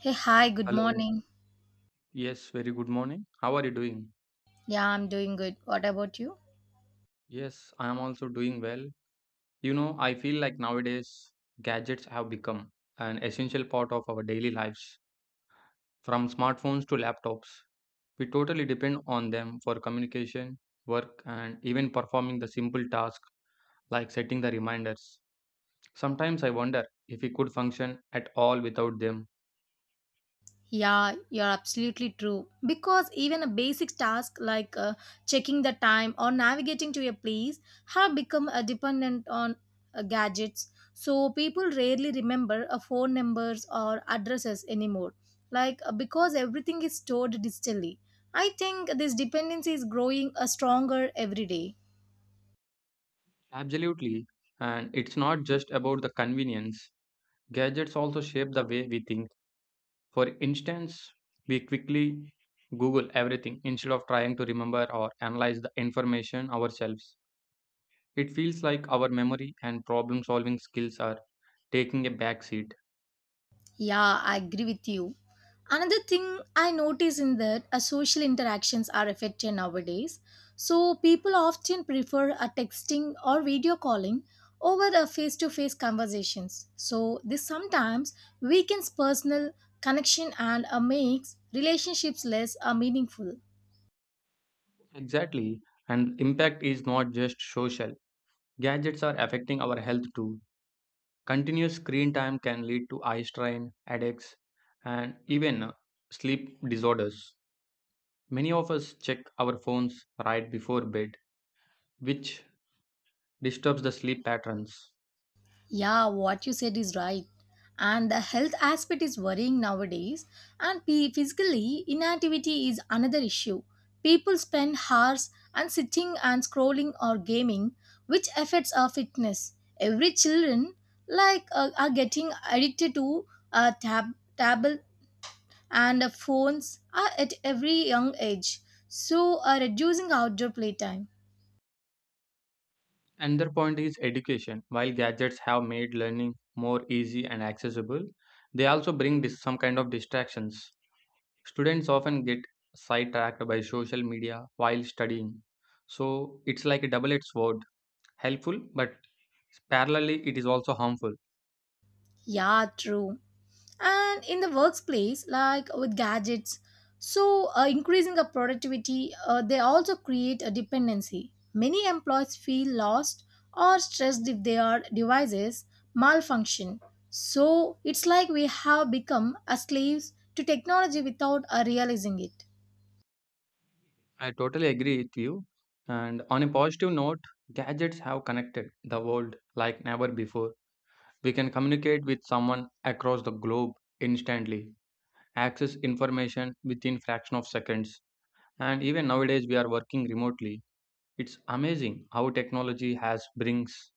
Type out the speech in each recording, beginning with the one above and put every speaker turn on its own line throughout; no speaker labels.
Hey, hi, good
Hello.
morning.
Yes, very good morning. How are you doing?
Yeah, I'm doing good. What about you?
Yes, I am also doing well. You know, I feel like nowadays gadgets have become an essential part of our daily lives. From smartphones to laptops, we totally depend on them for communication, work, and even performing the simple tasks like setting the reminders. Sometimes I wonder if we could function at all without them.
Yeah, you're absolutely true. Because even a basic task like checking the time or navigating to a place have become dependent on gadgets. So people rarely remember phone numbers or addresses anymore. Like because everything is stored digitally. I think this dependency is growing stronger every day.
Absolutely. And it's not just about the convenience, gadgets also shape the way we think. For instance, we quickly Google everything instead of trying to remember or analyze the information ourselves. It feels like our memory and problem solving skills are taking a back seat.
Yeah, I agree with you. Another thing I notice in that social interactions are affected nowadays. So people often prefer a texting or video calling over a face-to-face conversations. So this sometimes weakens personal connection and makes relationships less meaningful.
Exactly. And impact is not just social. Gadgets are affecting our health too. Continuous screen time can lead to eye strain, headaches, and even sleep disorders. Many of us check our phones right before bed, which disturbs the sleep patterns.
Yeah, what you said is right. And the health aspect is worrying nowadays. And physically, inactivity is another issue. People spend hours and sitting and scrolling or gaming, which affects our fitness. Every children like are getting addicted to uh, tab, tablet and phones at every young age. So, reducing outdoor playtime.
Another point is education. While gadgets have made learning more easy and accessible, they also bring some kind of distractions. Students often get sidetracked by social media while studying. So it's like a double edged sword, helpful, but parallelly, it is also harmful.
Yeah, true. And in the workplace like with gadgets so increasing of productivity they also create a dependency. Many employees feel lost or stressed if their devices malfunction. So it's like we have become a slaves to technology without realizing it.
I totally agree with you. And on a positive note, gadgets have connected the world like never before. We can communicate with someone across the globe instantly, access information within fraction of seconds, and even nowadays we are working remotely. It's amazing how technology has brings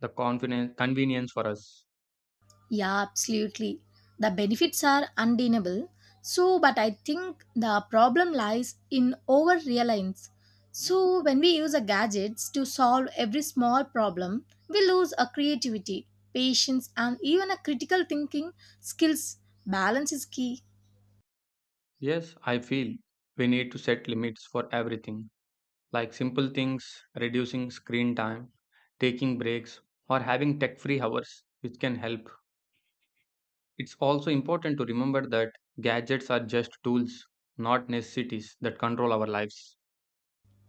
the confidence convenience for us.
Yeah, absolutely. The benefits are undeniable. So, but I think the problem lies in over reliance. So, when we use a gadgets to solve every small problem, we lose our creativity, patience, and even a critical thinking skills. Balance is key.
Yes, I feel we need to set limits for everything, like simple things, reducing screen time, taking breaks, or having tech free hours which can help. It's also important to remember that gadgets are just tools, not necessities that control our lives.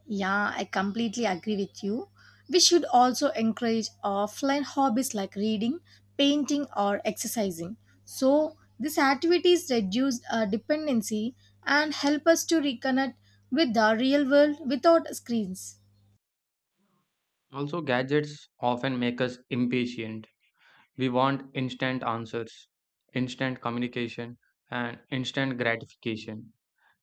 Yeah, I completely agree with you. We should also encourage offline hobbies like reading, painting, or exercising. So, these activities reduce our dependency and help us to reconnect with the real world without screens.
Also, gadgets often make us impatient. We want instant answers, instant communication, and instant gratification.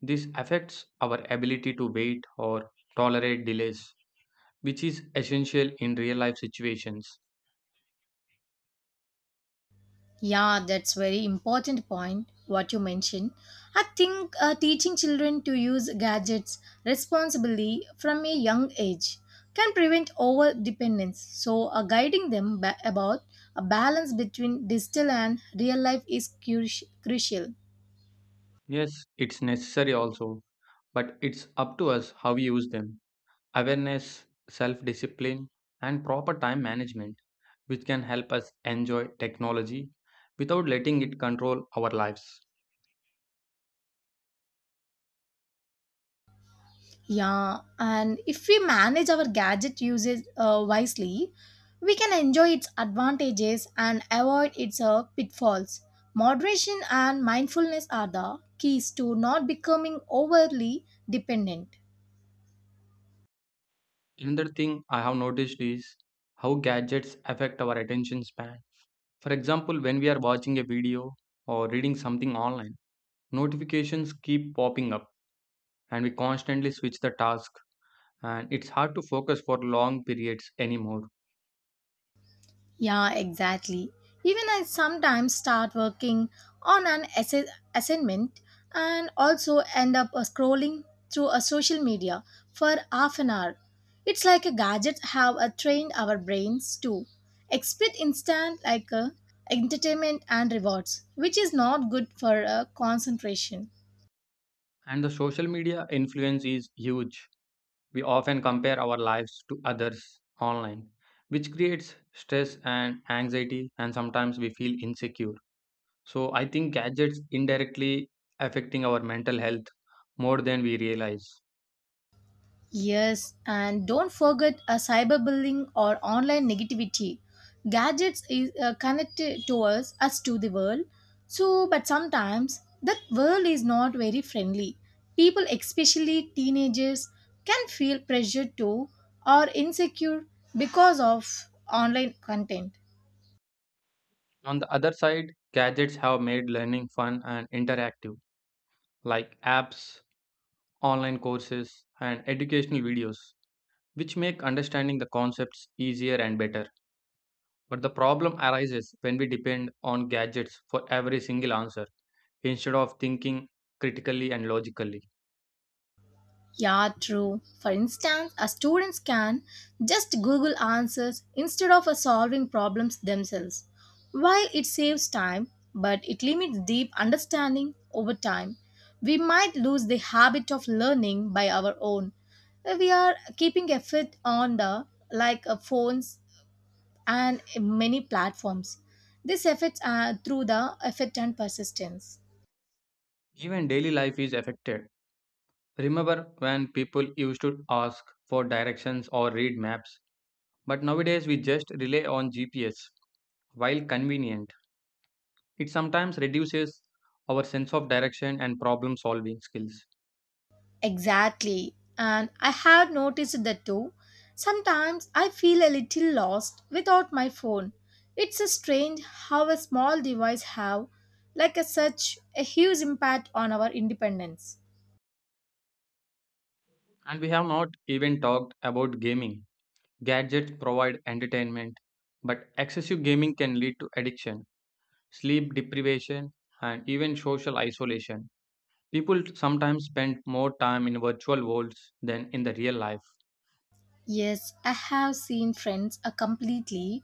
This affects our ability to wait or tolerate delays, which is essential in real life situations.
Yeah, that's very important point what you mentioned. I think teaching children to use gadgets responsibly from a young age can prevent over dependence. So, guiding them about a balance between digital and real life is crucial.
Yes, it's necessary also, but it's up to us how we use them. Awareness, self discipline, and proper time management, which can help us enjoy technology without letting it control our lives.
Yeah, and if we manage our gadget usage wisely, we can enjoy its advantages and avoid its pitfalls. Moderation and mindfulness are the keys to not becoming overly dependent.
Another thing I have noticed is how gadgets affect our attention span. For example, when we are watching a video or reading something online, notifications keep popping up and we constantly switch the task and it's hard to focus for long periods anymore.
Yeah, exactly. Even I sometimes start working on an assignment and also end up scrolling through a social media for half an hour. It's like a gadget have trained our brains to expect instant like entertainment and rewards, which is not good for concentration.
And the social media influence is huge. We often compare our lives to others online, which creates stress and anxiety and sometimes we feel insecure. So I think gadgets indirectly affecting our mental health more than we realize.
Yes, and don't forget a cyberbullying or online negativity. Gadgets is connected to us to the world. So, but sometimes that world is not very friendly. People, especially teenagers, can feel pressured to or insecure because of online content.
On the other side, gadgets have made learning fun and interactive, like apps, online courses, and educational videos, which make understanding the concepts easier and better. But the problem arises when we depend on gadgets for every single answer instead of thinking critically and logically.
Yeah, true. For instance, a student can just Google answers instead of solving problems themselves. While it saves time, but it limits deep understanding over time, we might lose the habit of learning by our own. We are keeping a fit on the like phones and many platforms. This affects through the effect and persistence.
Even daily life is affected. Remember when people used to ask for directions or read maps, but nowadays we just rely on GPS. While convenient, it sometimes reduces our sense of direction and problem solving skills.
Exactly. And I have noticed that too. Sometimes I feel a little lost without my phone. It's a strange how a small device have like a such a huge impact on our independence.
And we have not even talked about gaming. Gadgets provide entertainment, but excessive gaming can lead to addiction, sleep deprivation, and even social isolation. People sometimes spend more time in virtual worlds than in the real life.
Yes, I have seen friends are completely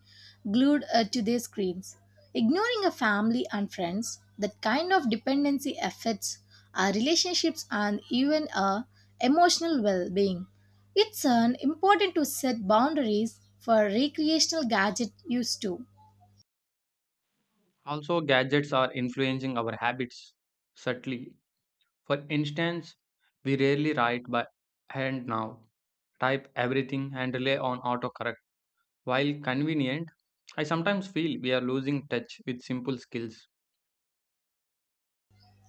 glued to their screens, ignoring a family and friends. That kind of dependency affects our relationships and even our emotional well-being. It's an important to set boundaries for recreational gadget use too.
Also, gadgets are influencing our habits subtly. For instance, we rarely write by hand now, type everything, and rely on autocorrect. While convenient, I sometimes feel we are losing touch with simple skills.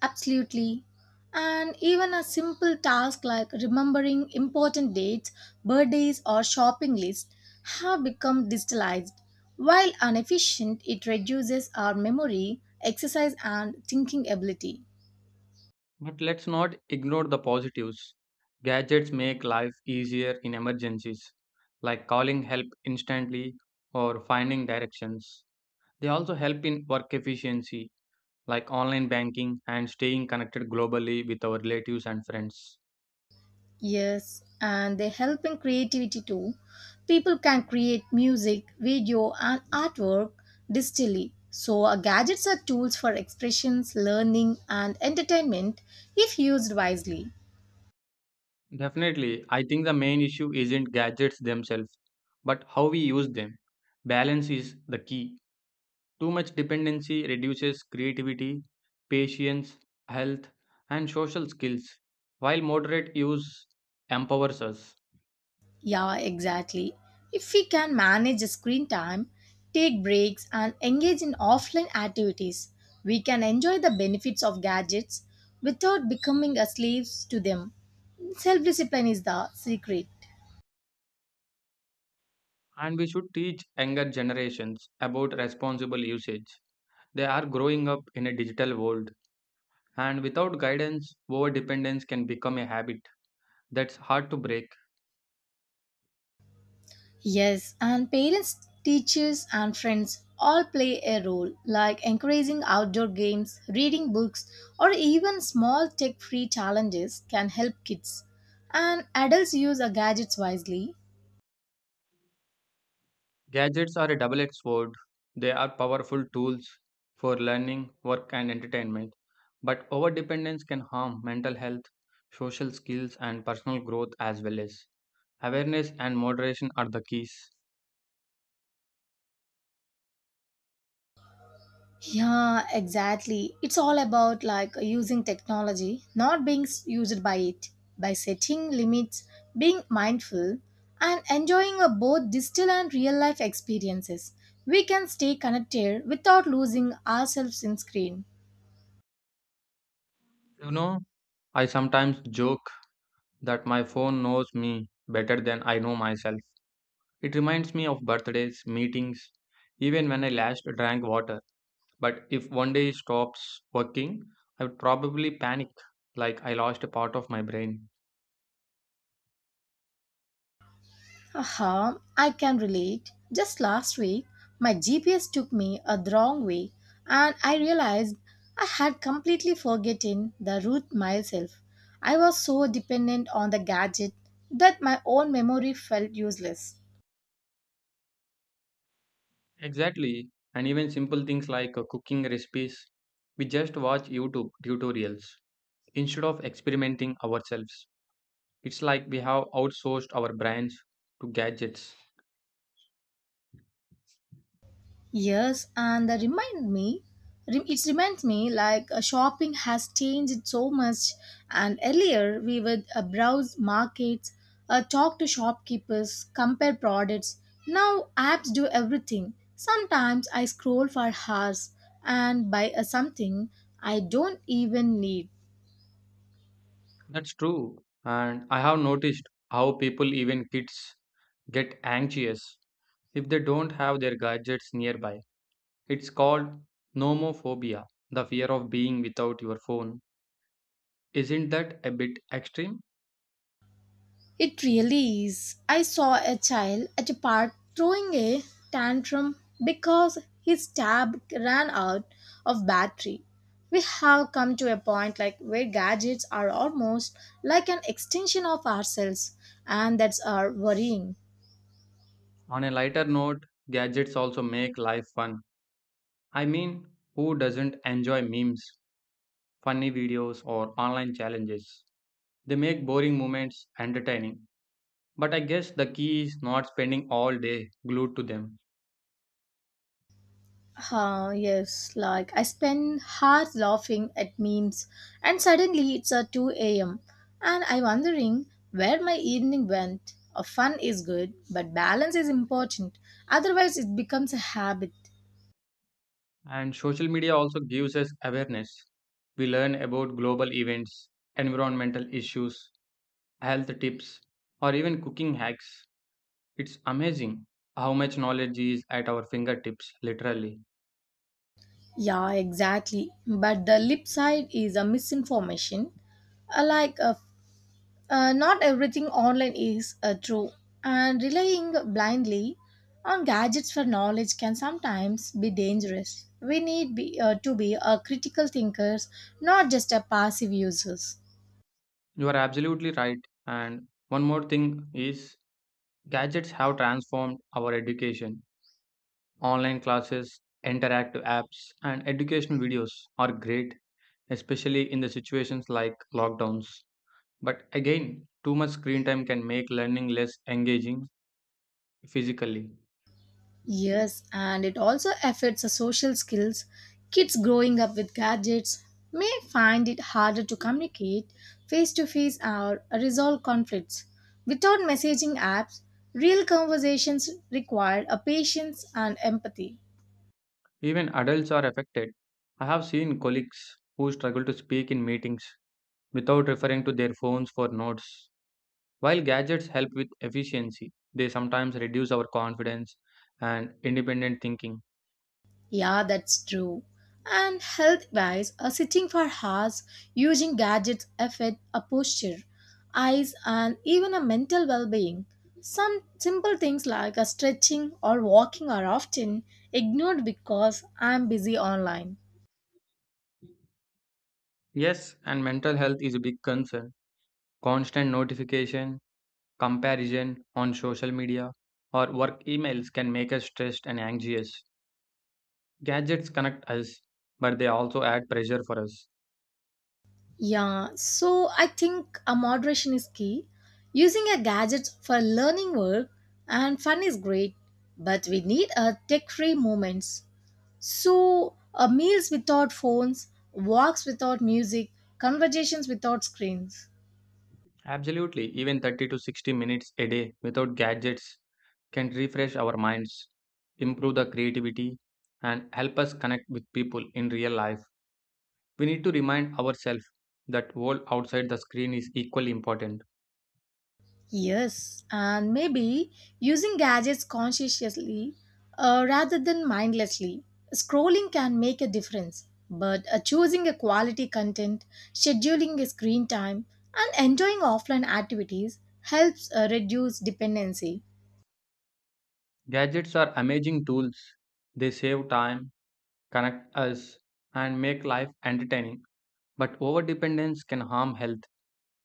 Absolutely. And even a simple task like remembering important dates, birthdays, or shopping lists have become digitalized. While inefficient, it reduces our memory, exercise, and thinking ability.
But let's not ignore the positives. Gadgets make life easier in emergencies, like calling help instantly or finding directions. They also help in work efficiency like online banking and staying connected globally with our relatives and friends.
Yes, and they help in creativity too. People can create music, video, and artwork digitally. So, our gadgets are tools for expressions, learning, and entertainment if used wisely.
Definitely, I think the main issue isn't gadgets themselves, but how we use them. Balance is the key. Too much dependency reduces creativity, patience, health, and social skills, while moderate use empowers us.
Yeah, exactly. If we can manage screen time, take breaks, and engage in offline activities, we can enjoy the benefits of gadgets without becoming a slaves to them. Self discipline is the secret.
And we should teach younger generations about responsible usage. They are growing up in a digital world. And without guidance, overdependence can become a habit that's hard to break.
Yes, and parents, teachers, and friends all play a role, like encouraging outdoor games, reading books, or even small tech free challenges can help kids. And adults use our gadgets wisely.
Gadgets are a double edged sword. They are powerful tools for learning, work, and entertainment. But overdependence can harm mental health, social skills, and personal growth as well as. Awareness and moderation are the keys.
Yeah, exactly. It's all about like using technology, not being used by it, by setting limits, being mindful, and enjoying a both digital and real life experiences. We can stay connected without losing ourselves in screen.
You know, I sometimes joke that my phone knows me better than I know myself. It reminds me of birthdays, meetings, even when I last drank water. But if one day stops working, I would probably panic like I lost a part of my brain.
Aha, I can relate. Just last week, my GPS took me a wrong way and I realized I had completely forgotten the route myself. I was so dependent on the gadget that my own memory felt useless.
Exactly. And even simple things like cooking recipes, we just watch YouTube tutorials instead of experimenting ourselves. It's like we have outsourced our brains to gadgets.
Yes, and that remind me, it reminds me like shopping has changed so much. And earlier we would browse markets, talk to shopkeepers, compare products. Now apps do everything. Sometimes I scroll for hours and buy something I don't even need.
That's true. And I have noticed how people, even kids, get anxious if they don't have their gadgets nearby. It's called nomophobia, the fear of being without your phone. Isn't that a bit extreme?
It really is. I saw a child at a park throwing a tantrum because his tab ran out of battery. We have come to a point like where gadgets are almost like an extension of ourselves and that's our worrying.
On a lighter note, gadgets also make life fun. I mean, who doesn't enjoy memes, funny videos, or online challenges? They make boring moments entertaining. But I guess the key is not spending all day glued to them.
Huh, yes, like I spend hours laughing at memes and suddenly it's a 2 a.m. and I'm wondering where my evening went. Fun is good, but balance is important. Otherwise, it becomes a habit.
And social media also gives us awareness. We learn about global events, environmental issues, health tips, or even cooking hacks. It's amazing how much knowledge is at our fingertips, literally.
Yeah, exactly. But the lip side is a misinformation. Uh, like uh, Not everything online is true, and relying blindly on gadgets for knowledge can sometimes be dangerous. We need to be critical thinkers, not just a passive users.
You are absolutely right. And one more thing is gadgets have transformed our education. Online classes, interactive apps, and educational videos are great, especially in the situations like lockdowns. But again, too much screen time can make learning less engaging physically.
Yes, and it also affects the social skills. Kids growing up with gadgets may find it harder to communicate face to face or resolve conflicts. Without messaging apps, real conversations require a patience and empathy.
Even adults are affected. I have seen colleagues who struggle to speak in meetings without referring to their phones for notes. While gadgets help with efficiency, they sometimes reduce our confidence and independent thinking.
Yeah, that's true. And health wise, sitting for hours using gadgets affect a posture, eyes, and even a mental well being. Some simple things like a stretching or walking are often ignored because I'm busy online.
Yes, and mental health is a big concern. Constant notification, comparison on social media, or work emails can make us stressed and anxious. Gadgets connect us, but they also add pressure for us.
Yeah, so I think a moderation is key. Using a gadget for learning work and fun is great, but we need a tech-free moments. So, meals without phones, walks without music, conversations without screens.
Absolutely, even 30 to 60 minutes a day without gadgets can refresh our minds, improve the creativity, and help us connect with people in real life. We need to remind ourselves that world outside the screen is equally important.
Yes, and maybe using gadgets consciously rather than mindlessly. Scrolling can make a difference, but choosing a quality content, scheduling a screen time, and enjoying offline activities helps reduce dependency.
Gadgets are amazing tools. They save time, connect us, and make life entertaining. But overdependence can harm health,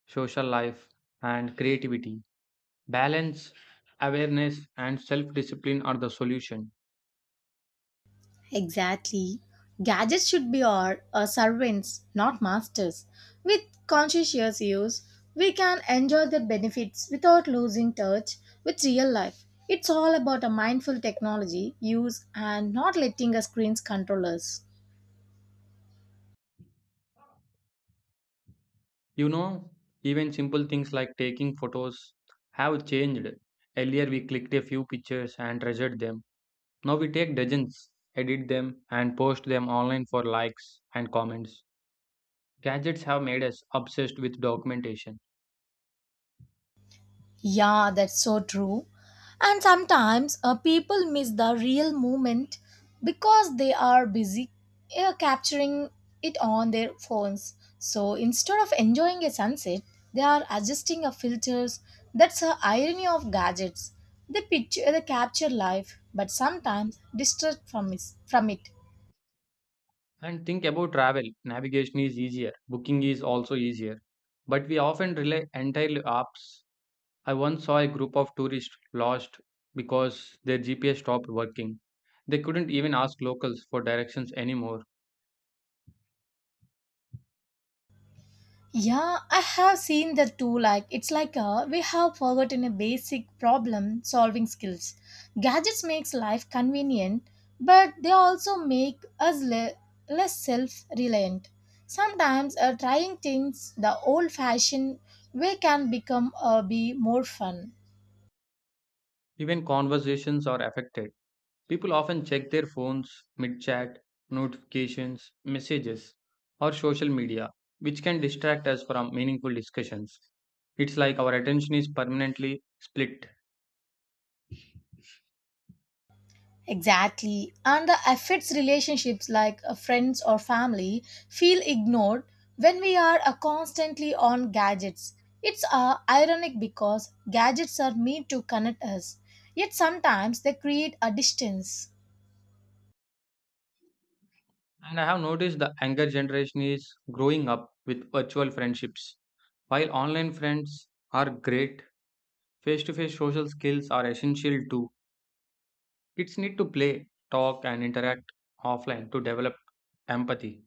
social life, and creativity. Balance, awareness, and self discipline are the solution.
Exactly. Gadgets should be our servants, not masters. With conscientious use, we can enjoy the benefits without losing touch with real life. It's all about a mindful technology use and not letting our screens control us.
You know, even simple things like taking photos have changed. Earlier, we clicked a few pictures and treasured them. Now we take dozens, edit them, and post them online for likes and comments. Gadgets have made us obsessed with documentation.
Yeah, that's so true. And sometimes people miss the real moment because they are busy capturing it on their phones. So instead of enjoying a sunset, they are adjusting a filters. That's the irony of gadgets. They picture, they capture life, but sometimes distract from it.
And think about travel. Navigation is easier, booking is also easier. But we often rely entirely apps. I once saw a group of tourists lost because their GPS stopped working. They couldn't even ask locals for directions anymore.
Yeah, I have seen that too. Like, it's like we have forgotten a basic problem solving skills. Gadgets makes life convenient, but they also make us less self-reliant. Sometimes trying things the old-fashioned way can become be more fun.
Even conversations are affected. People often check their phones mid chat, notifications, messages, or social media, which can distract us from meaningful discussions. It's like our attention is permanently split.
Exactly. And the affects relationships like friends or family feel ignored when we are constantly on gadgets. It's ironic because gadgets are meant to connect us, yet sometimes they create a distance.
And I have noticed the younger generation is growing up with virtual friendships. While online friends are great, face to face social skills are essential too. Kids need to play, talk, and interact offline to develop empathy.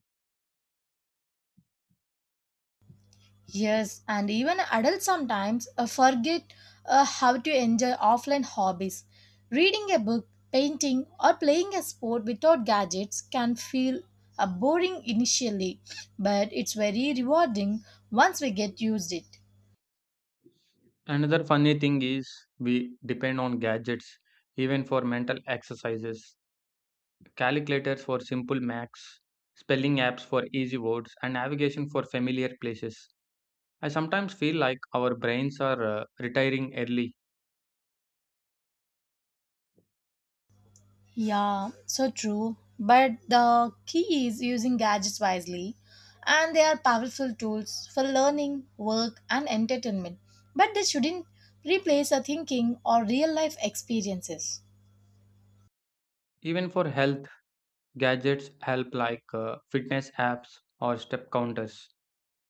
Yes, and even adults sometimes forget how to enjoy offline hobbies. Reading a book, painting, or playing a sport without gadgets can feel boring initially, but it's very rewarding once we get used it.
Another funny thing is we depend on gadgets even for mental exercises, calculators for simple maths, spelling apps for easy words, and navigation for familiar places. I sometimes feel like our brains are retiring early.
Yeah, so true. But the key is using gadgets wisely, and they are powerful tools for learning, work, and entertainment. But they shouldn't replace our thinking or real life experiences.
Even for health, gadgets help like fitness apps or step counters.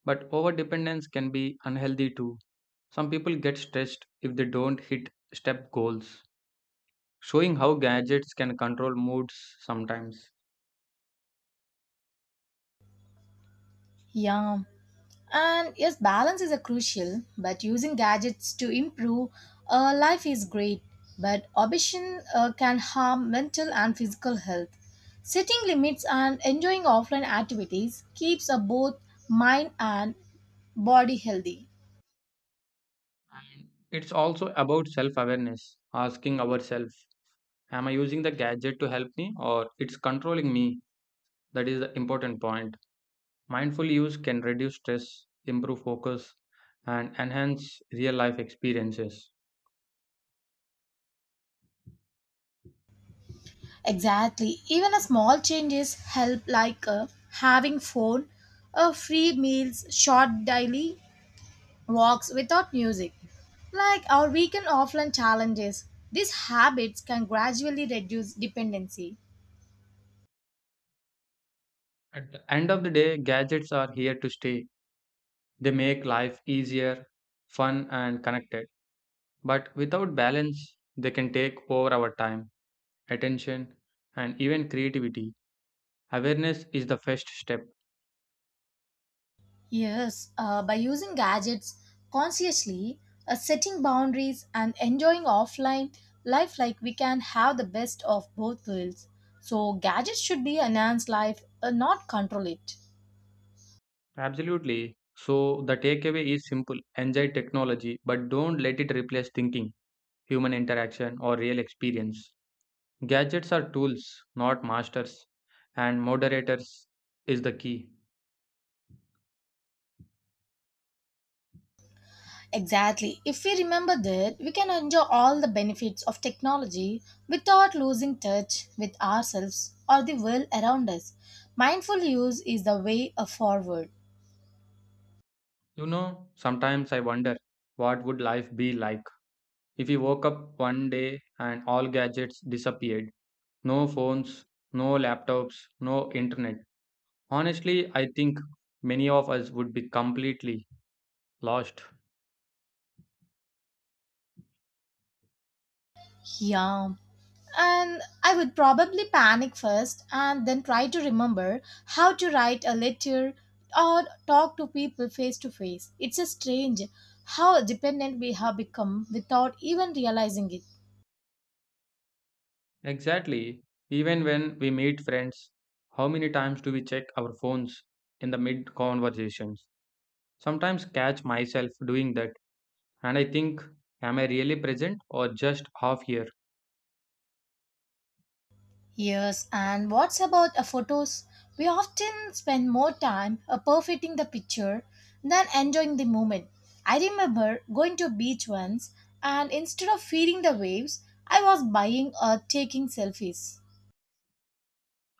But overdependence can be unhealthy too. Some people get stressed if they don't hit step goals, showing how gadgets can control moods sometimes.
Yeah, and yes, balance is a crucial, but using gadgets to improve life is great. But obsession can harm mental and physical health. Setting limits and enjoying offline activities keeps both mind and body healthy.
And it's also about self awareness, asking ourselves, am I using the gadget to help me or it's controlling me? That is the important point. Mindful use can reduce stress, improve focus, and enhance real life experiences.
Exactly. Even a small changes help, like having free meals, short daily walks without music, like our weekend offline challenges. These habits can gradually reduce dependency.
At the end of the day, gadgets are here to stay. They make life easier, fun, and connected. But without balance, they can take over our time, attention, and even creativity. Awareness is the first step.
Yes, by using gadgets consciously, setting boundaries, and enjoying offline life, like we can have the best of both worlds. So, gadgets should be enhance life, not control it.
Absolutely. So the takeaway is simple, enjoy technology, but don't let it replace thinking, human interaction, or real experience. Gadgets are tools, not masters, and moderators is the key.
Exactly. If we remember that, we can enjoy all the benefits of technology without losing touch with ourselves or the world around us. Mindful use is the way forward.
You know, sometimes I wonder what would life be like if we woke up one day and all gadgets disappeared. No phones, no laptops, no internet. Honestly, I think many of us would be completely lost.
Yeah. And I would probably panic first and then try to remember how to write a letter or talk to people face to face. It's a strange how dependent we have become without even realizing it.
Exactly. Even when we meet friends, how many times do we check our phones in the mid conversations? Sometimes catch myself doing that and I think, am I really present or just half here?
Yes, and what's about photos? We often spend more time perfecting the picture than enjoying the moment. I remember going to a beach once, and instead of feeding the waves, I was buying or taking selfies.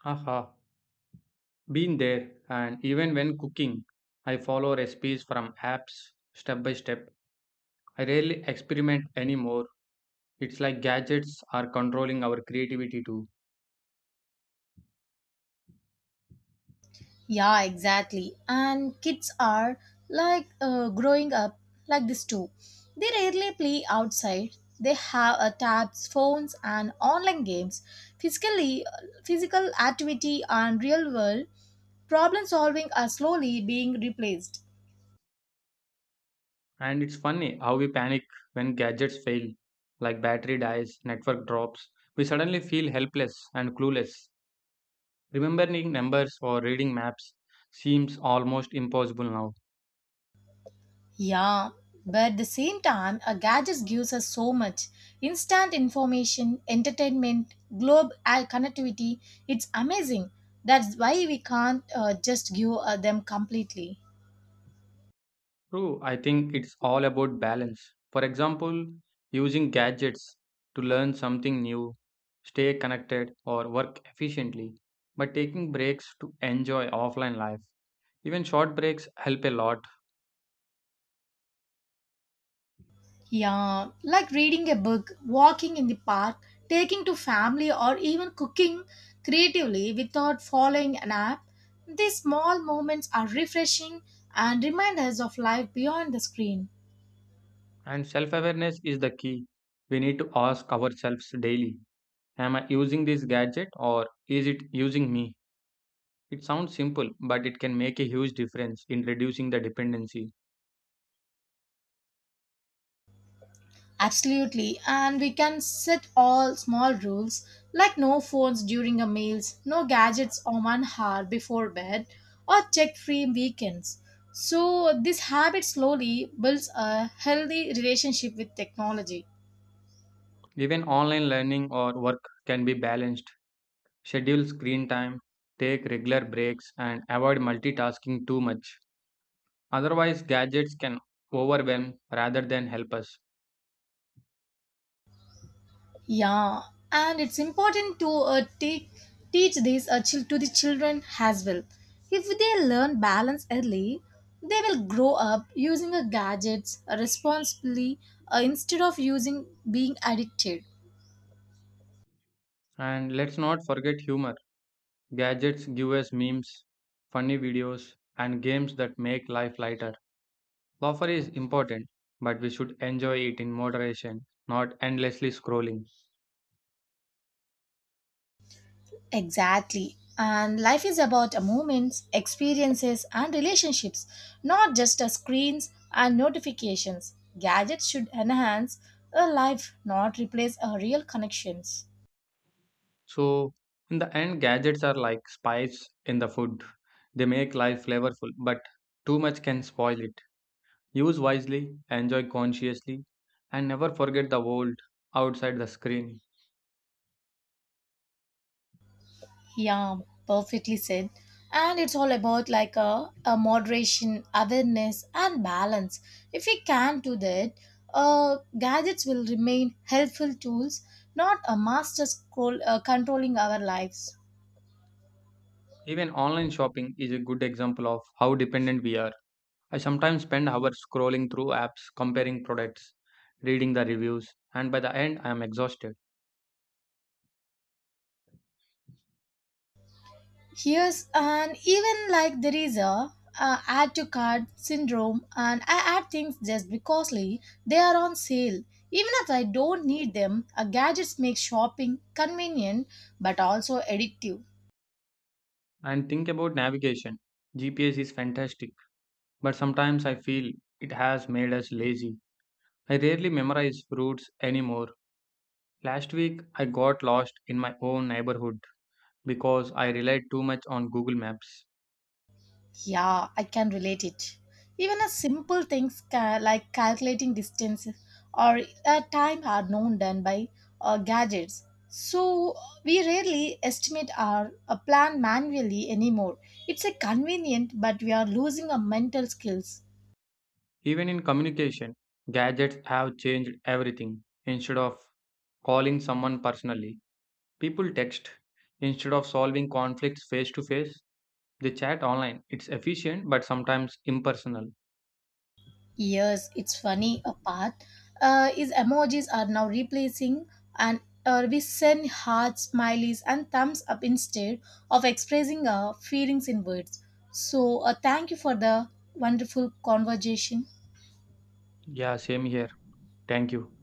Haha, been there. And even when cooking, I follow recipes from apps step by step. I rarely experiment anymore. It's like gadgets are controlling our creativity too.
Yeah, exactly. And kids are like growing up like this too. They rarely play outside. They have tabs, phones, and online games. Physically, physical activity and real world problem solving are slowly being replaced.
And it's funny how we panic when gadgets fail, like battery dies, network drops. We suddenly feel helpless and clueless. Remembering numbers or reading maps seems almost impossible now.
Yeah, but at the same time, a gadget gives us so much instant information, entertainment, globe connectivity. It's amazing. That's why we can't just give them completely.
True, I think it's all about balance. For example, using gadgets to learn something new, stay connected, or work efficiently, but taking breaks to enjoy offline life. Even short breaks help a lot.
Yeah, like reading a book, walking in the park, taking to family, or even cooking creatively without following an app. These small moments are refreshing and remind us of life beyond the screen.
And self awareness is the key. We need to ask ourselves daily, am I using this gadget or is it using me? It sounds simple, but it can make a huge difference in reducing the dependency.
Absolutely, and we can set all small rules like no phones during our meals, no gadgets on 1 hour before bed, or check free weekends. So, this habit slowly builds a healthy relationship with technology.
Even online learning or work can be balanced. Schedule screen time, take regular breaks, and avoid multitasking too much. Otherwise, gadgets can overwhelm rather than help us.
Yeah, and it's important to teach these to the children as well. If they learn balance early, they will grow up using gadgets responsibly instead of using being addicted.
And let's not forget humor. Gadgets give us memes, funny videos, and games that make life lighter. Laughter is important, but we should enjoy it in moderation, not endlessly scrolling.
Exactly. And life is about moments, experiences, and relationships, not just screens and notifications. Gadgets should enhance a life, not replace real connections.
So, in the end, gadgets are like spices in the food. They make life flavorful, but too much can spoil it. Use wisely, enjoy consciously, and never forget the world outside the screen.
Yeah, perfectly said. And it's all about like a moderation, awareness, and balance. If we can do that, gadgets will remain helpful tools, not a master scroll controlling our lives.
Even online shopping is a good example of how dependent we are. I sometimes spend hours scrolling through apps, comparing products, reading the reviews, and by the end, I am exhausted.
Here's and even like there is a add to cart syndrome, and I add things just because like, they are on sale. Even if I don't need them, a gadgets make shopping convenient but also addictive.
And think about navigation. GPS is fantastic, but sometimes I feel it has made us lazy. I rarely memorize routes anymore. Last week, I got lost in my own neighborhood because I relied too much on Google Maps.
Yeah, I can relate it. Even a simple things like calculating distance or time are known done by gadgets. So we rarely estimate our plan manually anymore. It's a convenient, but we are losing our mental skills.
Even in communication, gadgets have changed everything. Instead of calling someone personally, people text instead of solving conflicts face to face. They chat online. It's efficient but sometimes impersonal.
Yes, it's funny. A part is emojis are now replacing and we send hearts, smileys, and thumbs up instead of expressing our feelings in words. So, thank you for the wonderful conversation.
Yeah, same here. Thank you.